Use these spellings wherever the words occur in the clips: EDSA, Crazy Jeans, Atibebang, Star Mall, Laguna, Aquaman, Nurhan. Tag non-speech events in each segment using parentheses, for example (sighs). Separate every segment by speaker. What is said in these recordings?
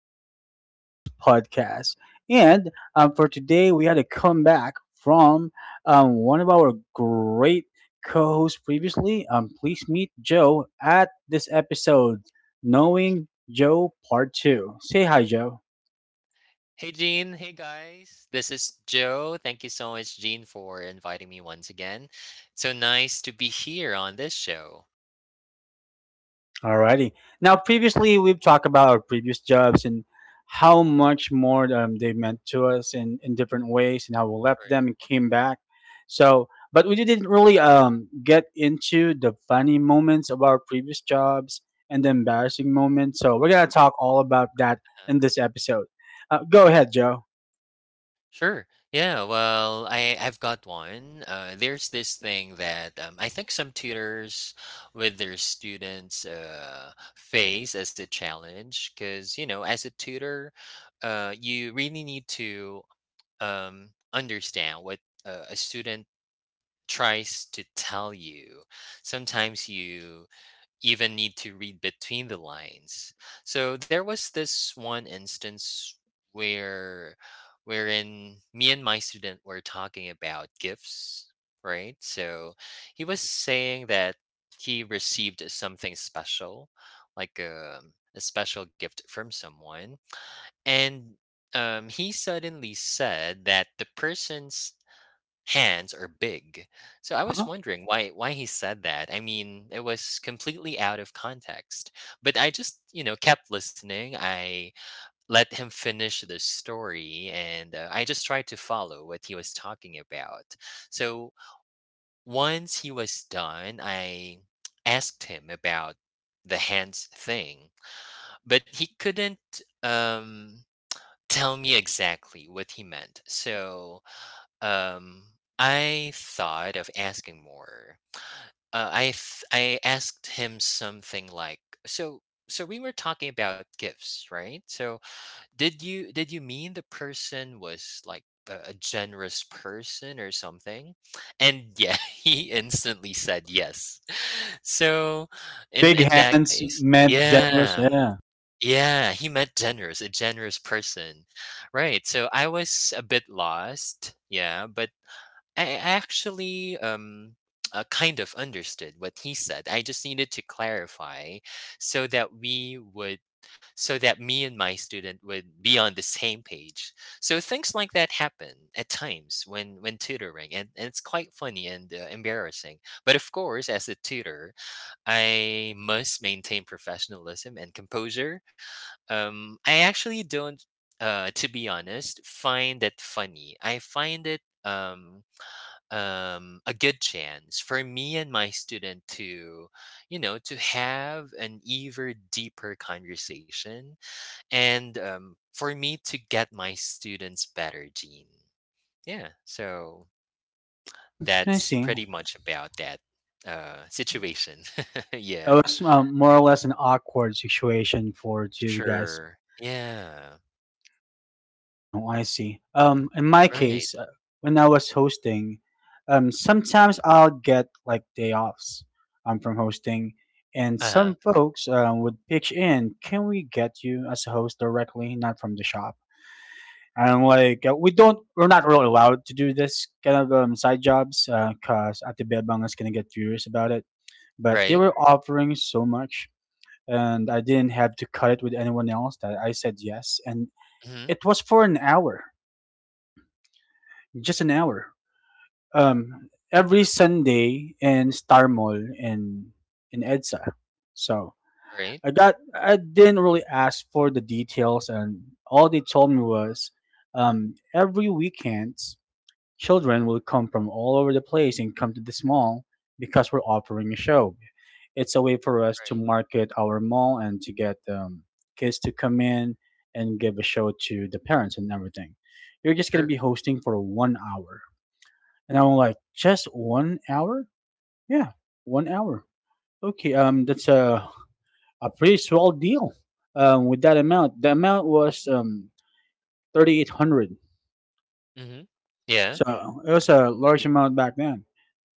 Speaker 1: to Crazy Jeans podcast. And For today, we had a comeback from one of our great co-hosts previously. Please meet Joe at this episode, Knowing Joe Part Two. Say hi, Joe.
Speaker 2: Hey Jean. Hey guys. This is Joe. Thank you so much, Jean, for inviting me once again. So nice to be here on this show.
Speaker 1: Alrighty. Now, previously we've talked about our previous jobs and how much more they meant to us in different ways, and how we left
Speaker 2: Right.
Speaker 1: them and came back. So, but we didn't really get into the funny moments of our previous jobs and the embarrassing moments. So we're gonna talk all about that
Speaker 2: Uh-huh.
Speaker 1: in this episode. Go ahead, Joe.
Speaker 2: Sure. Yeah. Well, I've got one. There's this thing that I think some tutors with their students face as a challenge because you know, as a tutor, you really need to understand what a student tries to tell you. Sometimes you even need to read between the lines. So there was this one instance where wherein me and my student were talking about gifts, right? So he was saying that he received something special, like a special gift from someone. And he suddenly said that the person's hands are big. So I was
Speaker 1: Huh?
Speaker 2: wondering why he said that. I mean, it was completely out of context. But I just, you know, kept listening. I let him finish the story and I just tried to follow what he was talking about. So once he was done, I (tsk) asked him about the hands thing, but he couldn't tell me exactly what he meant. So um, I thought of asking more. I asked him something like, "So, we were talking about gifts, right? So, did you mean the person was like a generous person or something?" And yeah, (laughs) he instantly said yes. (laughs) So, in
Speaker 1: Big
Speaker 2: in that
Speaker 1: hands
Speaker 2: case,
Speaker 1: meant generous.
Speaker 2: yeah.
Speaker 1: Yeah.
Speaker 2: Yeah, he meant generous, a generous person. Right. So I was a bit lost. Yeah, but I actually (tsk) kind of understood what he said. I just needed to clarify so that we would so that me and my student would be on the same page. So things like that happen at times when tutoring and it's quite funny and embarrassing. But of course, as a tutor, I must maintain professionalism and composure. I actually don't to be honest find it funny. I find it a good chance for me and my student to, you know, to have an even deeper conversation and for me to get my students better, Gene. Yeah, so
Speaker 1: Hmm, I
Speaker 2: that's
Speaker 1: see.
Speaker 2: pretty much about that situation. (laughs)
Speaker 1: It
Speaker 2: Yeah,
Speaker 1: was more or less an awkward situation for two guys.
Speaker 2: sure. Yeah,
Speaker 1: Oh, I see. In my
Speaker 2: right.
Speaker 1: case, when I was hosting, sometimes I'll get like day offs from hosting, and
Speaker 2: Uh
Speaker 1: some
Speaker 2: huh.
Speaker 1: folks would pitch in, "Can we get you as a host directly, not from the shop?" And I'm like, "We don't. We're not really allowed to do this kind of side jobs, cause Atibebang is gonna get furious about it." But they
Speaker 2: Right.
Speaker 1: were offering so much, and I didn't have to cut it with anyone else. That I said yes, and
Speaker 2: Mm-hmm.
Speaker 1: it was for an hour, just an hour every Sunday in Star Mall in EDSA. So
Speaker 2: Right.
Speaker 1: I didn't really ask for the details, and all they told me was every weekend children will come from all over the place and come to this mall because we're offering a show. It's a way for us to
Speaker 2: Right.
Speaker 1: market our mall and to get kids to come in and give a show to the parents and everything. You're just gonna be
Speaker 2: Sure.
Speaker 1: hosting for 1 hour. And I'm like, just 1 hour? Yeah, 1 hour. Okay, that's a pretty swell deal. With that amount, the amount was 3,800.
Speaker 2: Mm-hmm. Yeah.
Speaker 1: So it was a large amount back then.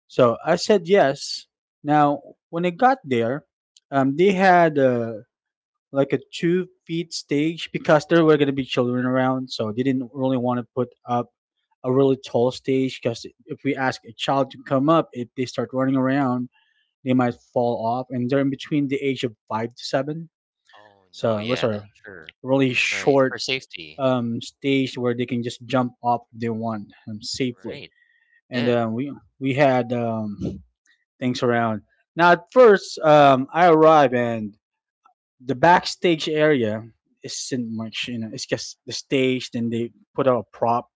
Speaker 1: So I said yes. Now when I got there, they had like a 2 feet stage because there were gonna be children around, so they didn't really want to put up a really tall stage, because if we ask a child to come up, if they start running around they might fall off, and they're in between the age of 5 to 7.
Speaker 2: Oh, no.
Speaker 1: So it was
Speaker 2: Yeah,
Speaker 1: a
Speaker 2: sure.
Speaker 1: really
Speaker 2: Right. For
Speaker 1: short
Speaker 2: safety.
Speaker 1: stage where they can just jump off if they want safely.
Speaker 2: Right.
Speaker 1: And
Speaker 2: Yeah.
Speaker 1: uh, we we had things around. Now at first, I arrive and the backstage area isn't much. You know, it's just the stage. Then they put out a prop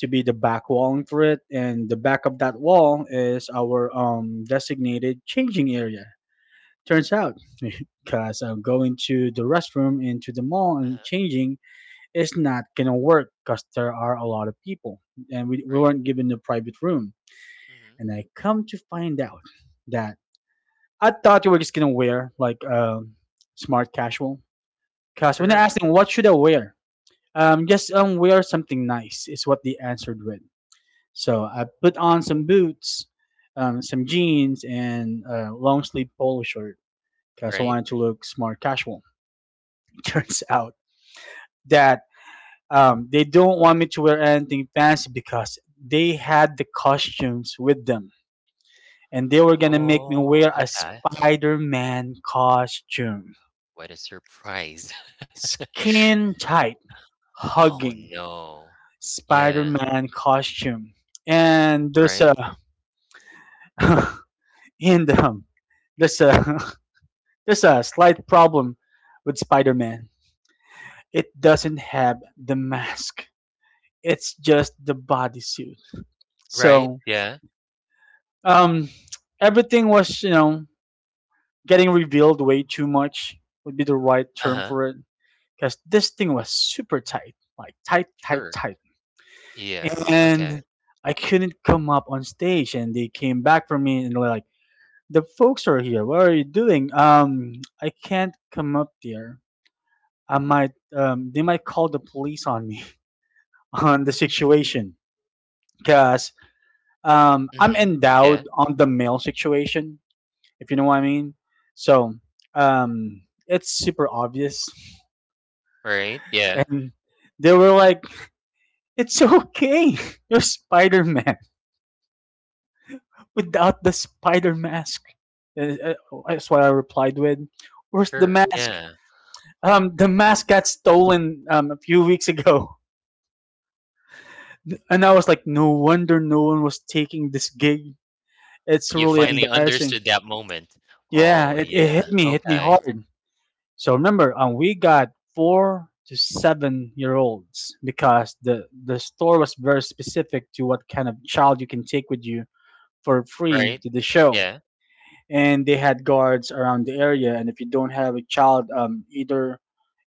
Speaker 1: to be the back walling for it, and the back of that wall is our designated changing area. Turns out, (laughs) because I'm going to the restroom into the mall and
Speaker 2: Uh-huh,
Speaker 1: changing is not gonna work, because there are a lot of people and we
Speaker 2: right.
Speaker 1: weren't given a private room.
Speaker 2: Mhm.
Speaker 1: And I come to find out that I thought we were just gonna wear like smart casual. Because when I
Speaker 2: Sure.
Speaker 1: asked them what should I wear, just wear something nice is what they answered with. So I put on some boots, some jeans, and a long sleeve polo shirt because I
Speaker 2: Right?
Speaker 1: wanted to look smart casual. (laughs) Turns out that they don't want me to wear anything fancy because they had the costumes with them and they were gonna make me
Speaker 2: Oh,
Speaker 1: wear a
Speaker 2: okay.
Speaker 1: spider-man costume,
Speaker 2: What a surprise. (laughs)
Speaker 1: skin tight
Speaker 2: Oh,
Speaker 1: hugging
Speaker 2: no. Yeah.
Speaker 1: spider-man costume. And there's
Speaker 2: Right.
Speaker 1: a (laughs) in the there's a (laughs) there's a slight problem with spider-man, it doesn't have the mask, it's just the bodysuit.
Speaker 2: Right.
Speaker 1: So
Speaker 2: Yeah.
Speaker 1: Um, everything was, you know, getting revealed way too much would be the right term
Speaker 2: Uh-huh.
Speaker 1: for it. Because this thing was super tight, like
Speaker 2: Sure.
Speaker 1: tight.
Speaker 2: Yeah. Okay.
Speaker 1: And I couldn't come up on stage, and they came back for me and they were like, "The folks are here. What are you doing? I can't come up there. I might, they might call the police on me (laughs) on the situation, because I'm
Speaker 2: Mhm.
Speaker 1: endowed
Speaker 2: Yeah.
Speaker 1: on the male situation, if you know what I mean. So um, it's super obvious,
Speaker 2: Right. Yeah.
Speaker 1: and they were like, "It's okay, (laughs) you're Spider Man without the spider mask." And, that's what I replied with. Where's the
Speaker 2: Sure.
Speaker 1: mask?
Speaker 2: Yeah.
Speaker 1: The mask got stolen a few weeks ago. (laughs) And I was like, "No wonder no one was taking this gig. It's
Speaker 2: You
Speaker 1: really
Speaker 2: finally
Speaker 1: embarrassing."
Speaker 2: understood that moment.
Speaker 1: Yeah,
Speaker 2: Oh,
Speaker 1: it
Speaker 2: yeah.
Speaker 1: hit me
Speaker 2: Okay.
Speaker 1: hard. So remember, we got 4 to 7 year olds, because the store was very specific to what kind of child you can take with you for free
Speaker 2: Right.
Speaker 1: to the show,
Speaker 2: Yeah.
Speaker 1: and they had guards around the area. And if you don't have a child, either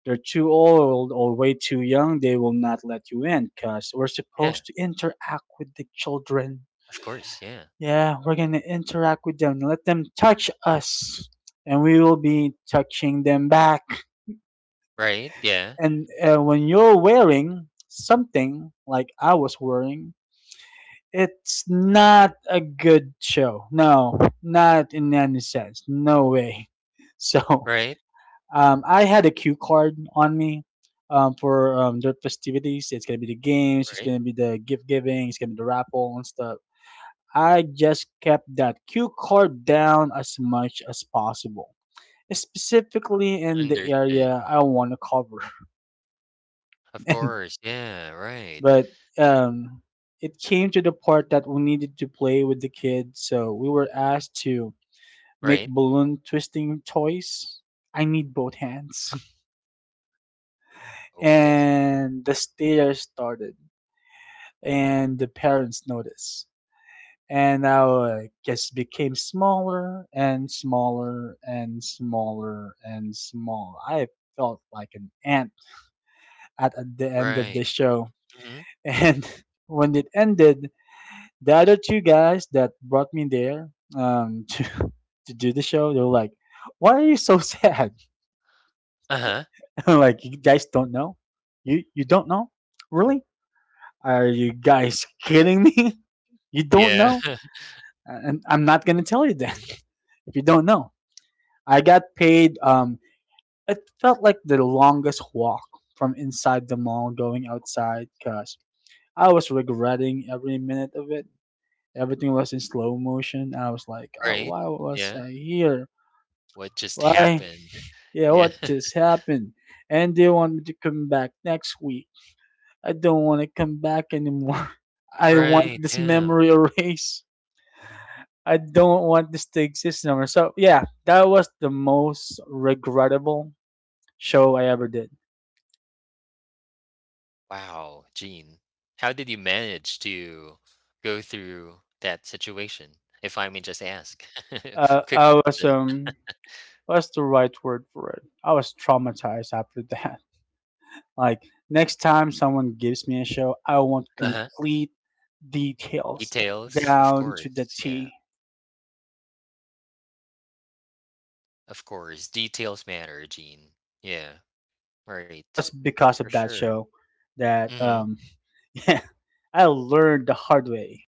Speaker 1: they're too old or way too young, they will not let you in, because we're
Speaker 2: Yeah.
Speaker 1: supposed to interact with the children.
Speaker 2: Of course. Yeah.
Speaker 1: Yeah, we're gonna interact with them, let them touch us, and we will be touching them back.
Speaker 2: Right. Yeah.
Speaker 1: And when you're wearing something like I was wearing, it's not a good show. No, not in any sense. No way. (laughs) So
Speaker 2: Right.
Speaker 1: I had a cue card on me for their festivities. It's gonna be the games. It's
Speaker 2: Right.
Speaker 1: gonna be the gift giving. It's gonna be the raffle and stuff. I just kept that cue card down as much as possible, specifically in the
Speaker 2: Understood.
Speaker 1: area I want to cover.
Speaker 2: Of
Speaker 1: (laughs) And
Speaker 2: course. Yeah. Right.
Speaker 1: but um, it came to the part that we needed to play with the kids, so we were asked to make
Speaker 2: Right.
Speaker 1: balloon twisting toys. I need both hands. (laughs)
Speaker 2: Okay.
Speaker 1: And the stare started, and the parents noticed. And our guest became smaller and smaller and smaller and small. I felt like an ant at the end of
Speaker 2: Right.
Speaker 1: the show. (laughs)
Speaker 2: Mhm.
Speaker 1: And when it ended, the other two guys that brought me there (laughs) to do the show, they were like, "Why are you so sad?"
Speaker 2: Uh-huh.
Speaker 1: (laughs) I'm like, "You guys don't know? You don't know? Really? Are you guys kidding me? (laughs) You don't
Speaker 2: Yeah.
Speaker 1: know?
Speaker 2: (laughs)
Speaker 1: And I'm not gonna tell you then (laughs) if you don't know." I got paid. It felt like the longest walk from inside the mall going outside, because I was regretting every minute of it. Everything was in slow motion. I was like, oh,
Speaker 2: Right.
Speaker 1: why was
Speaker 2: Yeah.
Speaker 1: I here?
Speaker 2: What just
Speaker 1: Why?
Speaker 2: happened?
Speaker 1: Yeah,
Speaker 2: Yeah.
Speaker 1: what just
Speaker 2: (laughs)
Speaker 1: happened? And they want me to come back next week. I don't want to come back anymore. (laughs) I want
Speaker 2: Right.
Speaker 1: this
Speaker 2: Yeah.
Speaker 1: memory (laughs) erased. I don't want this to exist anymore. So yeah, that was the most regrettable show I ever did.
Speaker 2: Wow, Gene. How did you manage to go through that situation, if I may just ask? (laughs) Quick
Speaker 1: I was
Speaker 2: question.
Speaker 1: What's the right word for it? I was traumatized after that. (laughs) Like next time someone gives me a show, I want
Speaker 2: Uh-huh.
Speaker 1: complete details
Speaker 2: Details, of
Speaker 1: down to the
Speaker 2: course. Yeah.
Speaker 1: T.
Speaker 2: Of course. Details matter, Gene. Yeah.
Speaker 1: It
Speaker 2: Right.
Speaker 1: was because
Speaker 2: For
Speaker 1: of that
Speaker 2: sure.
Speaker 1: show that
Speaker 2: Mhm.
Speaker 1: (laughs) yeah, I learned the hard way.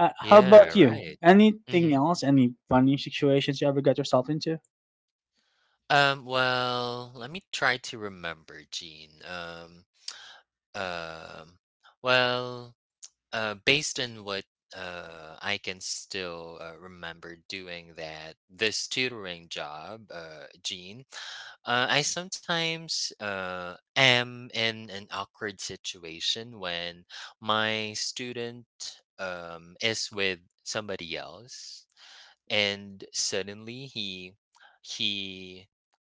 Speaker 1: How
Speaker 2: Yeah,
Speaker 1: about you?
Speaker 2: right.
Speaker 1: Anything
Speaker 2: Mhm.
Speaker 1: else? Any funny situations you ever got yourself into?
Speaker 2: Well, let me try to remember, Gene. Um, well, based on what I can still remember doing that this tutoring job, Gene, I sometimes am in an awkward situation when my student is with somebody else and suddenly he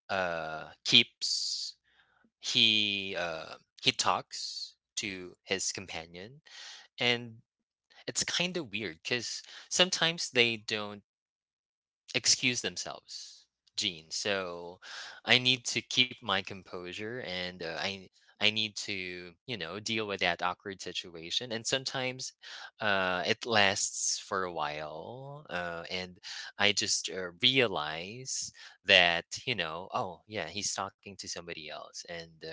Speaker 2: keeps he uh he talks to his companion and it's kind of weird because sometimes they don't excuse themselves Gene so I need to keep my composure and I need to you know deal with that awkward situation and sometimes it lasts for a while and I just realize that you know oh yeah he's talking to somebody else and uh,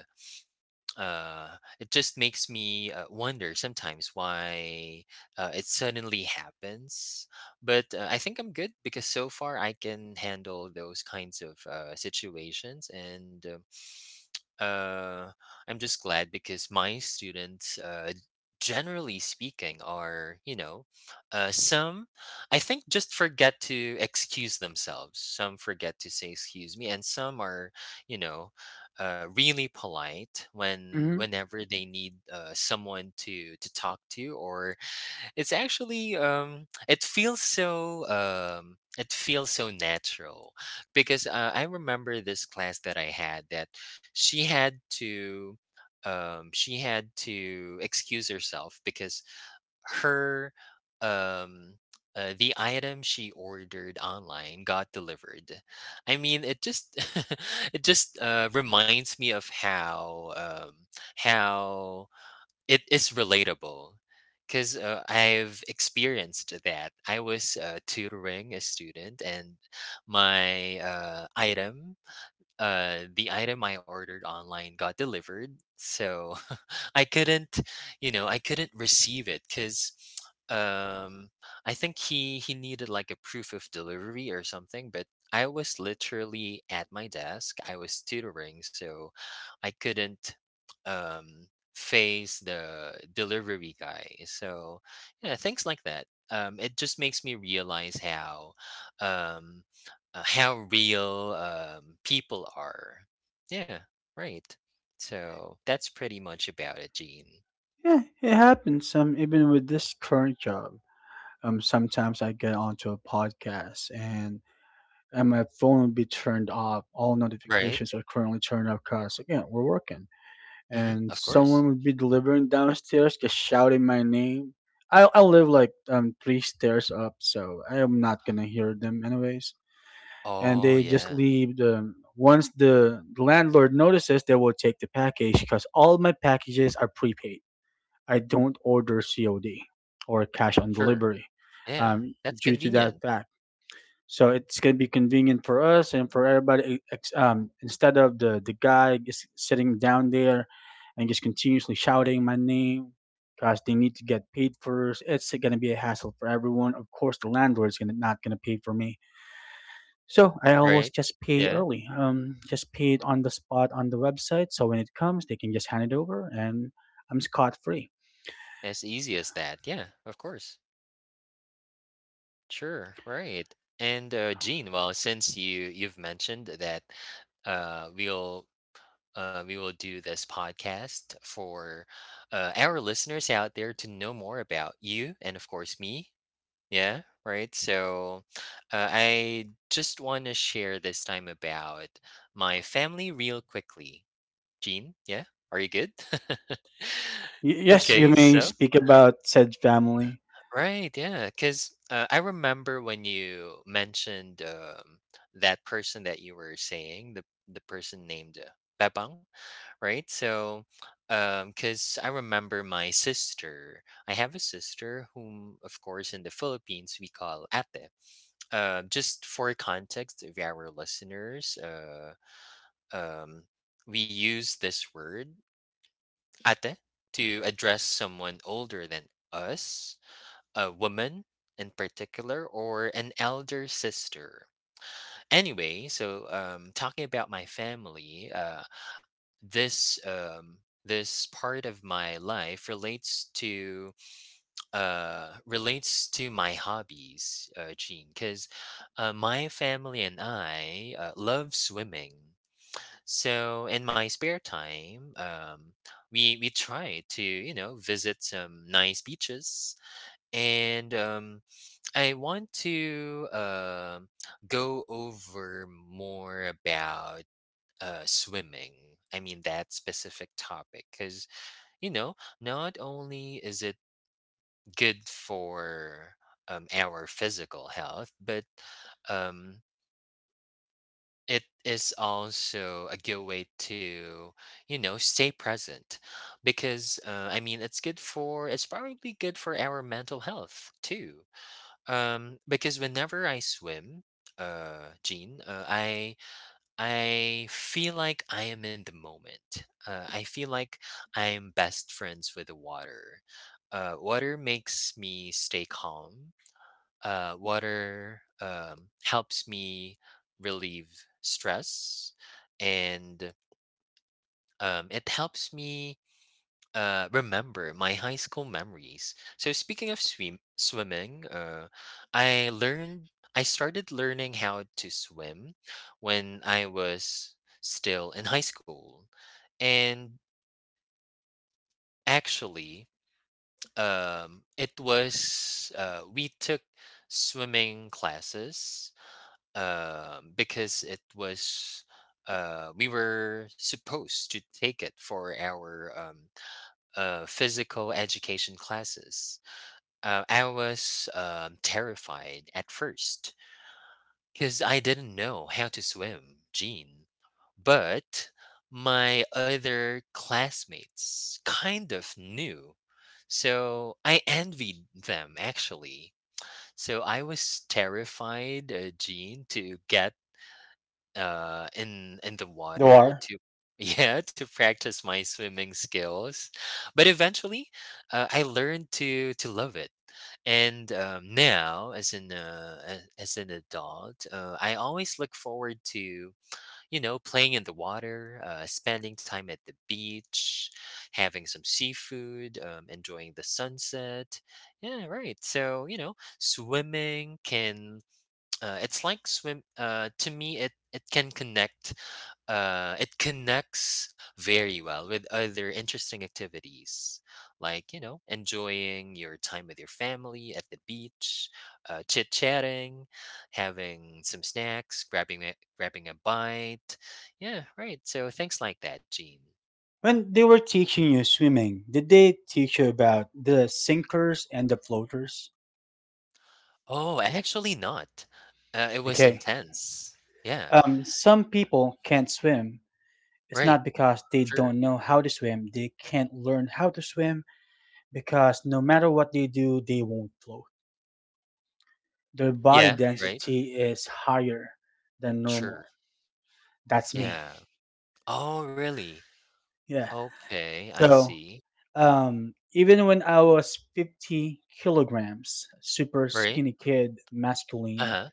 Speaker 2: uh, it just makes me wonder sometimes why it suddenly happens. But I think I'm good because so far I can handle those kinds of situations. And uh, I'm just glad because my students, generally speaking, are, you know, uh, some, I think, just forget to excuse themselves. Some forget to say, excuse me. And some are, you know, really polite when
Speaker 1: Mm-hmm.
Speaker 2: whenever they need someone to talk to or it's actually it feels so natural because I remember this class that I had that she had to she had to excuse herself because her um the item she ordered online got delivered. I mean, it just (laughs) it just reminds me of how it is relatable because I've experienced that. I was tutoring a student, and my item the item I ordered online got delivered, so (laughs) I couldn't, you know, I couldn't receive it because um I think he needed like a proof of delivery or something, but I was literally at my desk. I was tutoring, so I couldn't um face the delivery guy. So yeah, things like that. It just makes me realize um, how real people are. Yeah, right. So that's pretty much about it, Gene.
Speaker 1: Yeah, it happens. Even with this current job, sometimes I get onto a podcast and my phone will be turned off. All
Speaker 2: Right?
Speaker 1: notifications are currently turned off because again, we're working. And
Speaker 2: Of course.
Speaker 1: someone would be delivering downstairs, just shouting my name. I live like 3 stairs up, so I am not gonna hear them anyways. And
Speaker 2: Oh,
Speaker 1: they just
Speaker 2: yeah.
Speaker 1: leave the once the landlord notices, they will take the package because all my packages are prepaid. I don't order COD, or cash on
Speaker 2: Sure.
Speaker 1: delivery,
Speaker 2: Yeah.
Speaker 1: um,
Speaker 2: That's
Speaker 1: due to that
Speaker 2: convenient.
Speaker 1: fact. So it's gonna be convenient for us and for everybody. Instead of the guy just sitting down there and just continuously shouting my name because they need to get paid first, it's gonna be a hassle for everyone. Of course, the landlord's gonna not gonna pay for me. So I always
Speaker 2: Right?
Speaker 1: just pay
Speaker 2: Yeah.
Speaker 1: early. Just pay it on the spot on the website. So when it comes, they can just hand it over, and I'm scot free.
Speaker 2: As easy as that. Yeah, of course. Sure. Right. And Gene, well, since you've mentioned that uh, we'll we will do this podcast for our listeners out there to know more about you and of course me. Yeah, right. So I just want to share this time about my family real quickly. Gene, yeah, are you good?
Speaker 1: Y-
Speaker 2: (laughs)
Speaker 1: yes, you
Speaker 2: Okay,
Speaker 1: may
Speaker 2: so,
Speaker 1: speak about said family.
Speaker 2: right, yeah, because I remember when you mentioned that person that you were saying, the person named Bebang, right? So, because I remember my sister, I have a sister whom, of course, in the Philippines we call Ate. Uh, just for context of our listeners, um, we use this word "ate" to address someone older than us, a woman in particular, or an elder sister. Anyway, so talking about my family, this this part of my life relates to my hobbies Gene because my family and I love swimming, so in my spare time we try to you know visit some nice beaches and I want to go over more about swimming. I mean that specific topic because you know not only is it good for our physical health, but um, it is also a good way to, you know, stay present because I mean, it's probably good for our mental health too. Because whenever I swim, Jean, I feel like I am in the moment. I feel like I'm best friends with the water. Water makes me stay calm, water helps me relieve stress and it helps me remember my high school memories. So, speaking of swimming, I started learning how to swim when I was still in high school. And actually, it was, we took swimming classes. Because it was we were supposed to take it for our physical education classes. I was terrified at first because I didn't know how to swim, Gene. But my other classmates kind of knew, so I envied them actually. So I was terrified, Gene, to get in the
Speaker 1: There
Speaker 2: water
Speaker 1: are.
Speaker 2: to (laughs) yeah to practice my swimming skills, but eventually I learned to love it, and now as an as an adult I always look forward to you know playing in the water, spending time at the beach, having some seafood, enjoying the sunset. Yeah, right. So you know swimming can (tsk) it's like swim to me it can connect, it connects very well with other interesting activities, like, you know, enjoying your time with your family at the beach, chit chatting, having some snacks, grabbing a bite. Yeah, right. So things like that, Gene.
Speaker 1: When they were teaching you swimming, did they teach you about the sinkers and the floaters?
Speaker 2: Oh, actually, not. It was
Speaker 1: Okay.
Speaker 2: intense. Yeah,
Speaker 1: Some people can't swim. It's
Speaker 2: right.
Speaker 1: not because they
Speaker 2: Sure.
Speaker 1: don't know how to swim. They can't learn how to swim, because no matter what they do, they won't float. Their body
Speaker 2: Yeah, right.
Speaker 1: density is higher than normal.
Speaker 2: Sure.
Speaker 1: That's me.
Speaker 2: Yeah. Oh, really?
Speaker 1: Yeah.
Speaker 2: Okay, I
Speaker 1: So,
Speaker 2: see.
Speaker 1: even when I was 50 kilograms, super
Speaker 2: Right.
Speaker 1: skinny kid,
Speaker 2: Uh
Speaker 1: masculine,
Speaker 2: huh.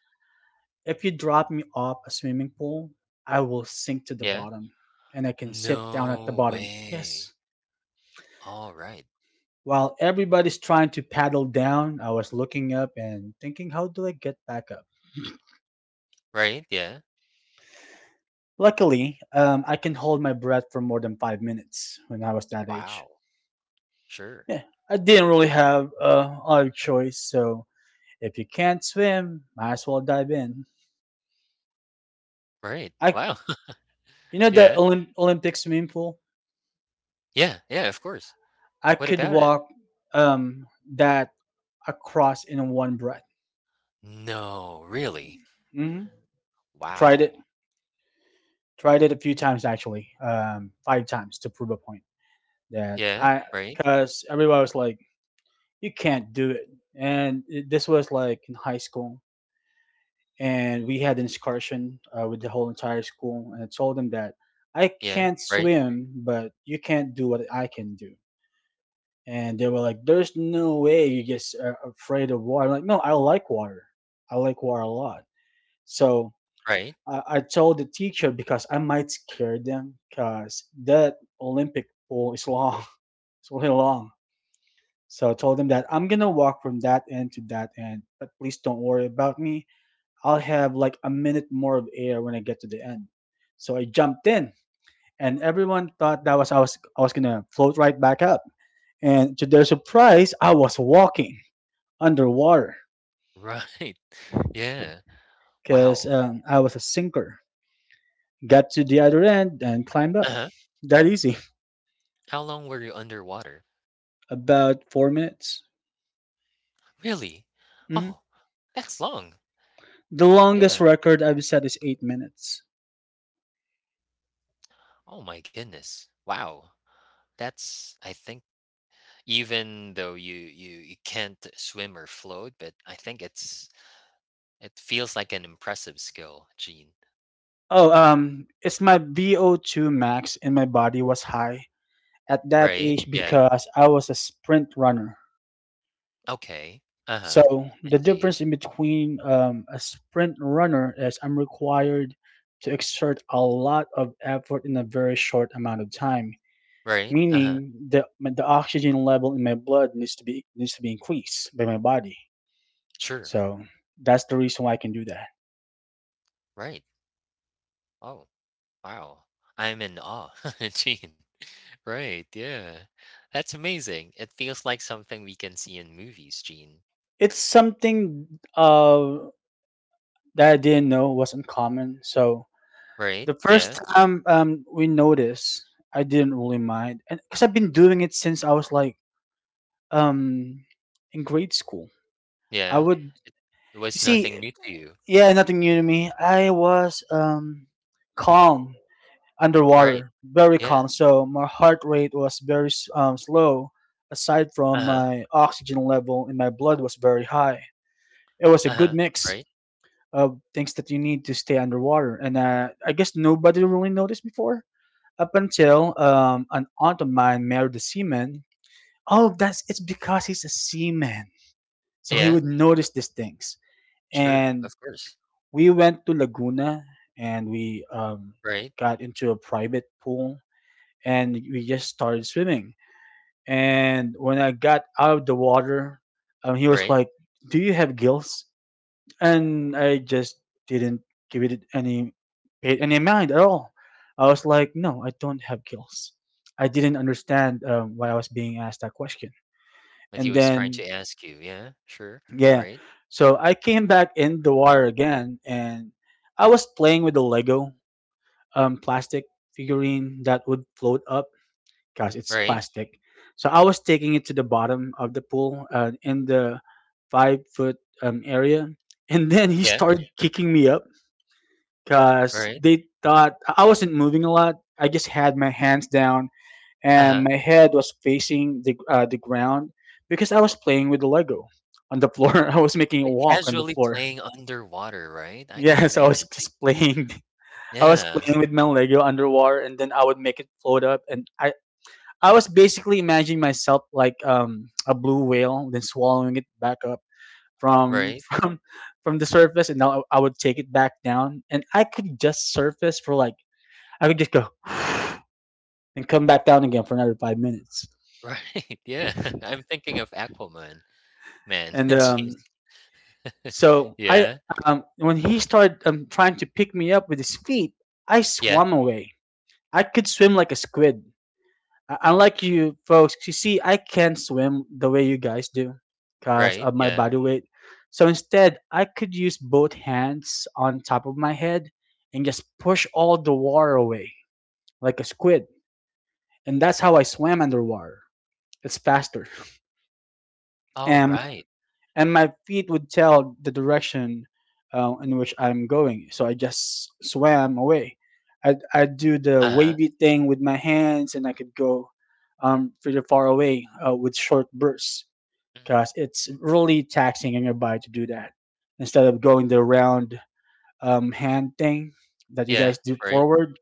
Speaker 1: if you drop me off a swimming pool, I will sink to the
Speaker 2: Yeah.
Speaker 1: bottom and I can sit down at the
Speaker 2: No
Speaker 1: bottom.
Speaker 2: way.
Speaker 1: Yes.
Speaker 2: All right.
Speaker 1: While everybody's trying to paddle down, I was looking up and thinking, how do I get back up?
Speaker 2: Right, yeah.
Speaker 1: Luckily, I can hold my breath for more than 5 minutes when I was that age.
Speaker 2: Wow. Sure.
Speaker 1: Yeah, I didn't really have other choice, so if you can't swim, might as well dive in.
Speaker 2: Right.
Speaker 1: I,
Speaker 2: Wow.
Speaker 1: you
Speaker 2: (laughs)
Speaker 1: know, the
Speaker 2: Yeah.
Speaker 1: Olympic swimming pool.
Speaker 2: Yeah, yeah, of course.
Speaker 1: I
Speaker 2: What
Speaker 1: could
Speaker 2: about it?
Speaker 1: walk um, that across in one breath.
Speaker 2: No, really?
Speaker 1: Hmm. Tried it,
Speaker 2: Wow.
Speaker 1: tried it a few times actually, five times to prove a point that
Speaker 2: Yeah,
Speaker 1: I,
Speaker 2: right?
Speaker 1: because everybody was like, you can't do it. And it, this was like in high school, and we had an excursion with the whole entire school, and I told them that I
Speaker 2: Yeah,
Speaker 1: can't
Speaker 2: right,
Speaker 1: swim, but you can't do what I can do. And they were like, "There's no way you just are afraid of water." I'm like, no, I like water. I like water a lot. So
Speaker 2: right.
Speaker 1: I told the teacher because I might scare them because that Olympic pole is long. (laughs) It's really long. So I told them that I'm gonna walk from that end to that end, but please don't worry about me. I'll have like a minute more of air when I get to the end. So I jumped in,
Speaker 2: Sure.
Speaker 1: and everyone
Speaker 2: Yeah,
Speaker 1: thought that was I was I was gonna float right back up. And to their surprise, I was walking underwater
Speaker 2: right. (laughs) Yeah.
Speaker 1: because
Speaker 2: Wow.
Speaker 1: I was a sinker. Got to the other end and climbed up.
Speaker 2: Uh-huh.
Speaker 1: That easy.
Speaker 2: How long were you underwater?
Speaker 1: About 4 minutes.
Speaker 2: Really?
Speaker 1: Hmm.
Speaker 2: Oh, that's long.
Speaker 1: The longest
Speaker 2: Yeah.
Speaker 1: record I've set is 8 minutes.
Speaker 2: Oh my goodness. Wow. That's I think even though you can't swim or float, but I think it's it feels like an impressive skill, Gene.
Speaker 1: Oh, it's my VO2 max in my body was high at that
Speaker 2: Right?
Speaker 1: age
Speaker 2: Yeah.
Speaker 1: because I was a sprint runner.
Speaker 2: Okay. Uh-huh.
Speaker 1: So
Speaker 2: I
Speaker 1: the
Speaker 2: see.
Speaker 1: difference in between a sprint runner is I'm required to exert a lot of effort in a very short amount of time,
Speaker 2: Right?
Speaker 1: meaning
Speaker 2: Uh-huh.
Speaker 1: the oxygen level in my blood needs to be increased by my body.
Speaker 2: Sure.
Speaker 1: So that's the reason why I can do that.
Speaker 2: Right. Oh, wow. I'm in awe, (laughs) Gene. Right. Yeah. That's amazing. It feels like something we can see in movies, Gene.
Speaker 1: It's something uh, that I didn't know was uncommon. So
Speaker 2: Right?
Speaker 1: the
Speaker 2: Yeah.
Speaker 1: first time we noticed, I didn't really mind, and because I've been doing it since I was like um, in grade school. I
Speaker 2: Yeah.
Speaker 1: would you
Speaker 2: It was nothing
Speaker 1: see,
Speaker 2: new to you.
Speaker 1: yeah, nothing new to me. I was calm
Speaker 2: Right.
Speaker 1: underwater, very
Speaker 2: Yeah.
Speaker 1: calm. So my heart rate was very slow. Aside from
Speaker 2: Uh-huh.
Speaker 1: my oxygen level in my blood was very high. It was a
Speaker 2: Uh-huh.
Speaker 1: good
Speaker 2: Right.
Speaker 1: mix of things that you need to stay underwater. And I guess nobody really noticed before up until an aunt of mine married a seaman. Oh, that's it's because he's a seaman, so he
Speaker 2: Yeah.
Speaker 1: would notice these things.
Speaker 2: Sure.
Speaker 1: And
Speaker 2: Of course.
Speaker 1: we went to Laguna and we
Speaker 2: Right,
Speaker 1: got into a private pool and we just started swimming. And when I got out of the water, he was
Speaker 2: right.
Speaker 1: like, "Do you have gills?" And I just didn't give it any paid any mind at all. I was like, no, I don't have kills. I didn't understand why I was being asked that question.
Speaker 2: What he
Speaker 1: And
Speaker 2: was trying to
Speaker 1: then
Speaker 2: ask you. Yeah, sure.
Speaker 1: yeah,
Speaker 2: Right,
Speaker 1: so I came back in the water again, and I was playing with the Lego plastic figurine that would float up because it's
Speaker 2: right.
Speaker 1: plastic. So I was taking it to the bottom of the pool in the 5 foot area, and then he
Speaker 2: Yeah,
Speaker 1: started kicking me up because
Speaker 2: right.
Speaker 1: they thought I wasn't moving a lot. I just had my hands down and
Speaker 2: Uh-huh.
Speaker 1: my head was facing the ground because I was playing with the Lego on the floor. (laughs) I was making a
Speaker 2: Like
Speaker 1: walk on the
Speaker 2: casually
Speaker 1: floor.
Speaker 2: playing
Speaker 1: (laughs)
Speaker 2: underwater, right? I can
Speaker 1: Yes, I was
Speaker 2: imagine it.
Speaker 1: just playing. (laughs) I was
Speaker 2: Yeah,
Speaker 1: playing with my Lego underwater, and then I would make it float up. And I was basically imagining myself like a blue whale, then swallowing it back up from
Speaker 2: right,
Speaker 1: (laughs) from the surface, and now I would take it back down. And I could just surface for like I could just go (sighs) and come back down again for another 5 minutes.
Speaker 2: (laughs) right. Yeah, (laughs) I'm thinking of Aquaman, man.
Speaker 1: And
Speaker 2: (laughs) Gee. (laughs)
Speaker 1: so I,
Speaker 2: Yeah,
Speaker 1: when he started trying to pick me up with his feet, I
Speaker 2: yeah,
Speaker 1: swam away. I could swim like a squid. Unlike you folks, you see, I can't swim the way you guys do because
Speaker 2: right,
Speaker 1: of my
Speaker 2: yeah.
Speaker 1: body weight. So instead, I could use both hands on top of my head and just push all the water away like a squid. And that's how I swam underwater. It's faster.
Speaker 2: Oh,
Speaker 1: And
Speaker 2: right.
Speaker 1: and my feet would tell the direction in which I'm going. So I just swam away. I'd do the
Speaker 2: Uh-huh.
Speaker 1: wavy thing with my hands, and I could go pretty far away with short bursts because
Speaker 2: Mhm.
Speaker 1: it's really taxing on your body to do that. Instead of going the round hand thing that you guys
Speaker 2: Yeah,
Speaker 1: do
Speaker 2: right.
Speaker 1: forward,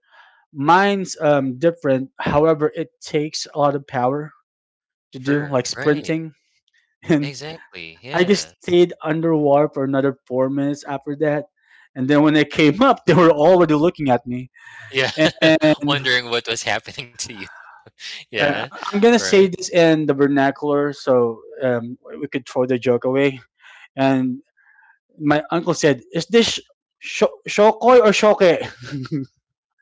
Speaker 1: mine's different. However, it takes a lot of power to do, like
Speaker 2: Sure, right.
Speaker 1: sprinting. (laughs)
Speaker 2: Exactly.
Speaker 1: I just
Speaker 2: Yeah.
Speaker 1: stayed underwater for another 4 minutes after that. And then when I came up, (laughs) they were already looking at me.
Speaker 2: Yeah. (laughs)
Speaker 1: And
Speaker 2: Wondering what was happening to you. (laughs) Yeah,
Speaker 1: I'm going to say
Speaker 2: right.
Speaker 1: this in the vernacular so we could throw the joke away. And my uncle said, "Is this sh- shokoi or shoke?"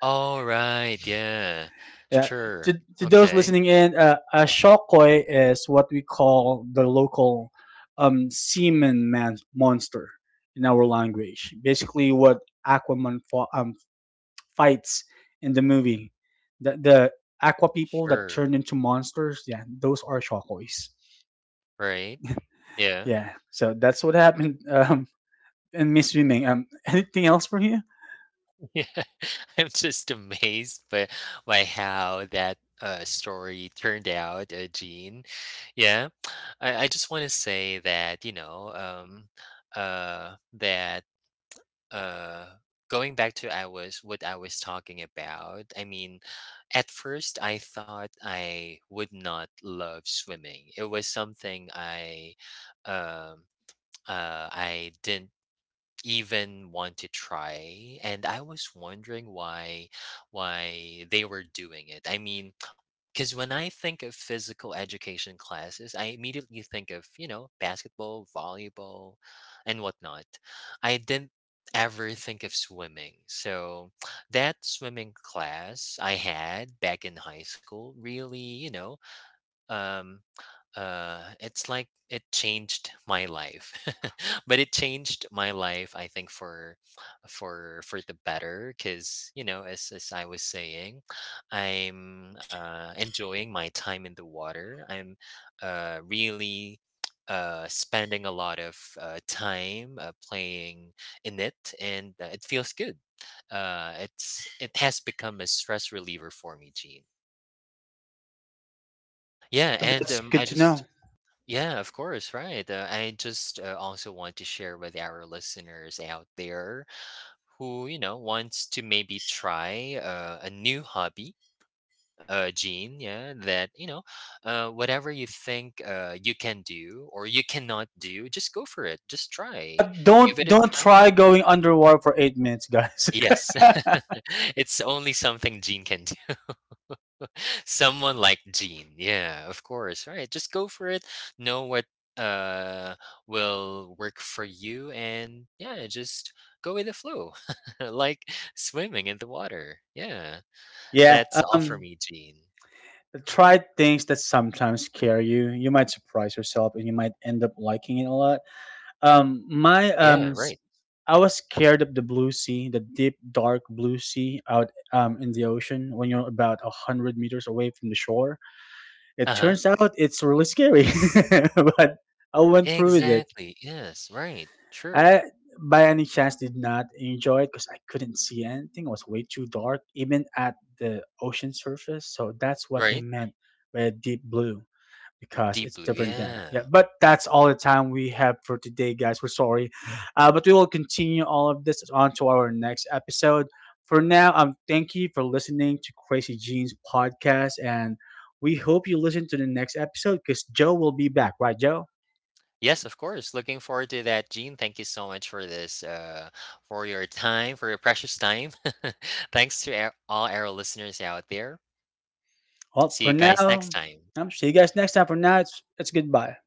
Speaker 2: All right, yeah.
Speaker 1: (laughs) Yeah.
Speaker 2: Sure.
Speaker 1: to,
Speaker 2: (laughs)
Speaker 1: to those
Speaker 2: Okay.
Speaker 1: listening in, a shokoi is what we call the local seaman man monster in our language. Basically, what Aquaman fights in the movie. The aqua people that
Speaker 2: Sure.
Speaker 1: turned into monsters, yeah, those are shockwaves.
Speaker 2: Right. Yeah.
Speaker 1: Yeah, so that's what happened (laughs) in Miss Swimming. (laughs) Anything else for you?
Speaker 2: (laughs) Yeah. I'm just amazed by how that story turned out, Gene. Yeah. I just want to say that, you know, that uh going back to I was what I was talking about, I mean, at first I thought I would not love swimming. It was something um I didn't even want to try, and I was wondering why they were doing it. I mean, because when I think of physical education classes, I immediately think of, you know, basketball, volleyball, and whatnot. I didn't ever think of swimming. So (tsk) that swimming class I had back in high school really, you know, um, it's like it changed my life. (laughs) but it changed my life I think for for the better because you know as I was saying I'm enjoying my time in the water, I'm really spending a lot of time playing in it, and it feels good. It's it has become a stress reliever for me, Gene. Yeah,
Speaker 1: Oh,
Speaker 2: and
Speaker 1: that's good
Speaker 2: I
Speaker 1: to
Speaker 2: just
Speaker 1: know.
Speaker 2: yeah, of course, right. I just also want to share with our listeners out there who, you know, wants to maybe try a new hobby, Gene, yeah, that, you know, whatever you think you can do or you cannot do, just go for it. Just try. Give
Speaker 1: Don't
Speaker 2: it a
Speaker 1: don't
Speaker 2: try.
Speaker 1: try going underwater for 8 minutes, guys.
Speaker 2: Yes.
Speaker 1: (laughs)
Speaker 2: (laughs) it's only something Gene can do. Someone like Gene. Yeah, of course. Right. Just go for it. Know what uh will work for you, and yeah, just go with the flow. (laughs) like swimming in the water. Yeah.
Speaker 1: Yeah.
Speaker 2: That's all for
Speaker 1: Um.
Speaker 2: me, Gene.
Speaker 1: Try things that sometimes scare you. You might surprise yourself, and you might end up liking it a lot. Um. My um.
Speaker 2: Yeah,
Speaker 1: s-
Speaker 2: right.
Speaker 1: I was scared of the blue sea, the deep, dark blue sea out in the ocean when you're about 100 meters away from the shore. It
Speaker 2: Uh-huh.
Speaker 1: turns out it's really scary, (laughs) but I went through with it.
Speaker 2: Exactly. Yes, right. Sure.
Speaker 1: I, by any chance, did not enjoy it because I couldn't see anything. It was way too dark, even at the ocean surface. So that's what
Speaker 2: Right?
Speaker 1: they meant by deep blue because
Speaker 2: Deep
Speaker 1: it's
Speaker 2: blue.
Speaker 1: different than yeah.
Speaker 2: Yeah.
Speaker 1: But that's all the time we have for today, guys. We're sorry, but we will continue all of this on to our next episode. For now, thank you for listening to Crazy Jeans podcast, and we hope you listen to the next episode because Joe will be back, right, Joe?
Speaker 2: Yes, of course. Looking forward to that, Gene. Thank you so much for this, for your time, for your precious time. (laughs) Thanks to all our listeners out there.
Speaker 1: Well,
Speaker 2: See you
Speaker 1: for
Speaker 2: guys next
Speaker 1: now,
Speaker 2: time.
Speaker 1: see you guys next time. For now, it's goodbye.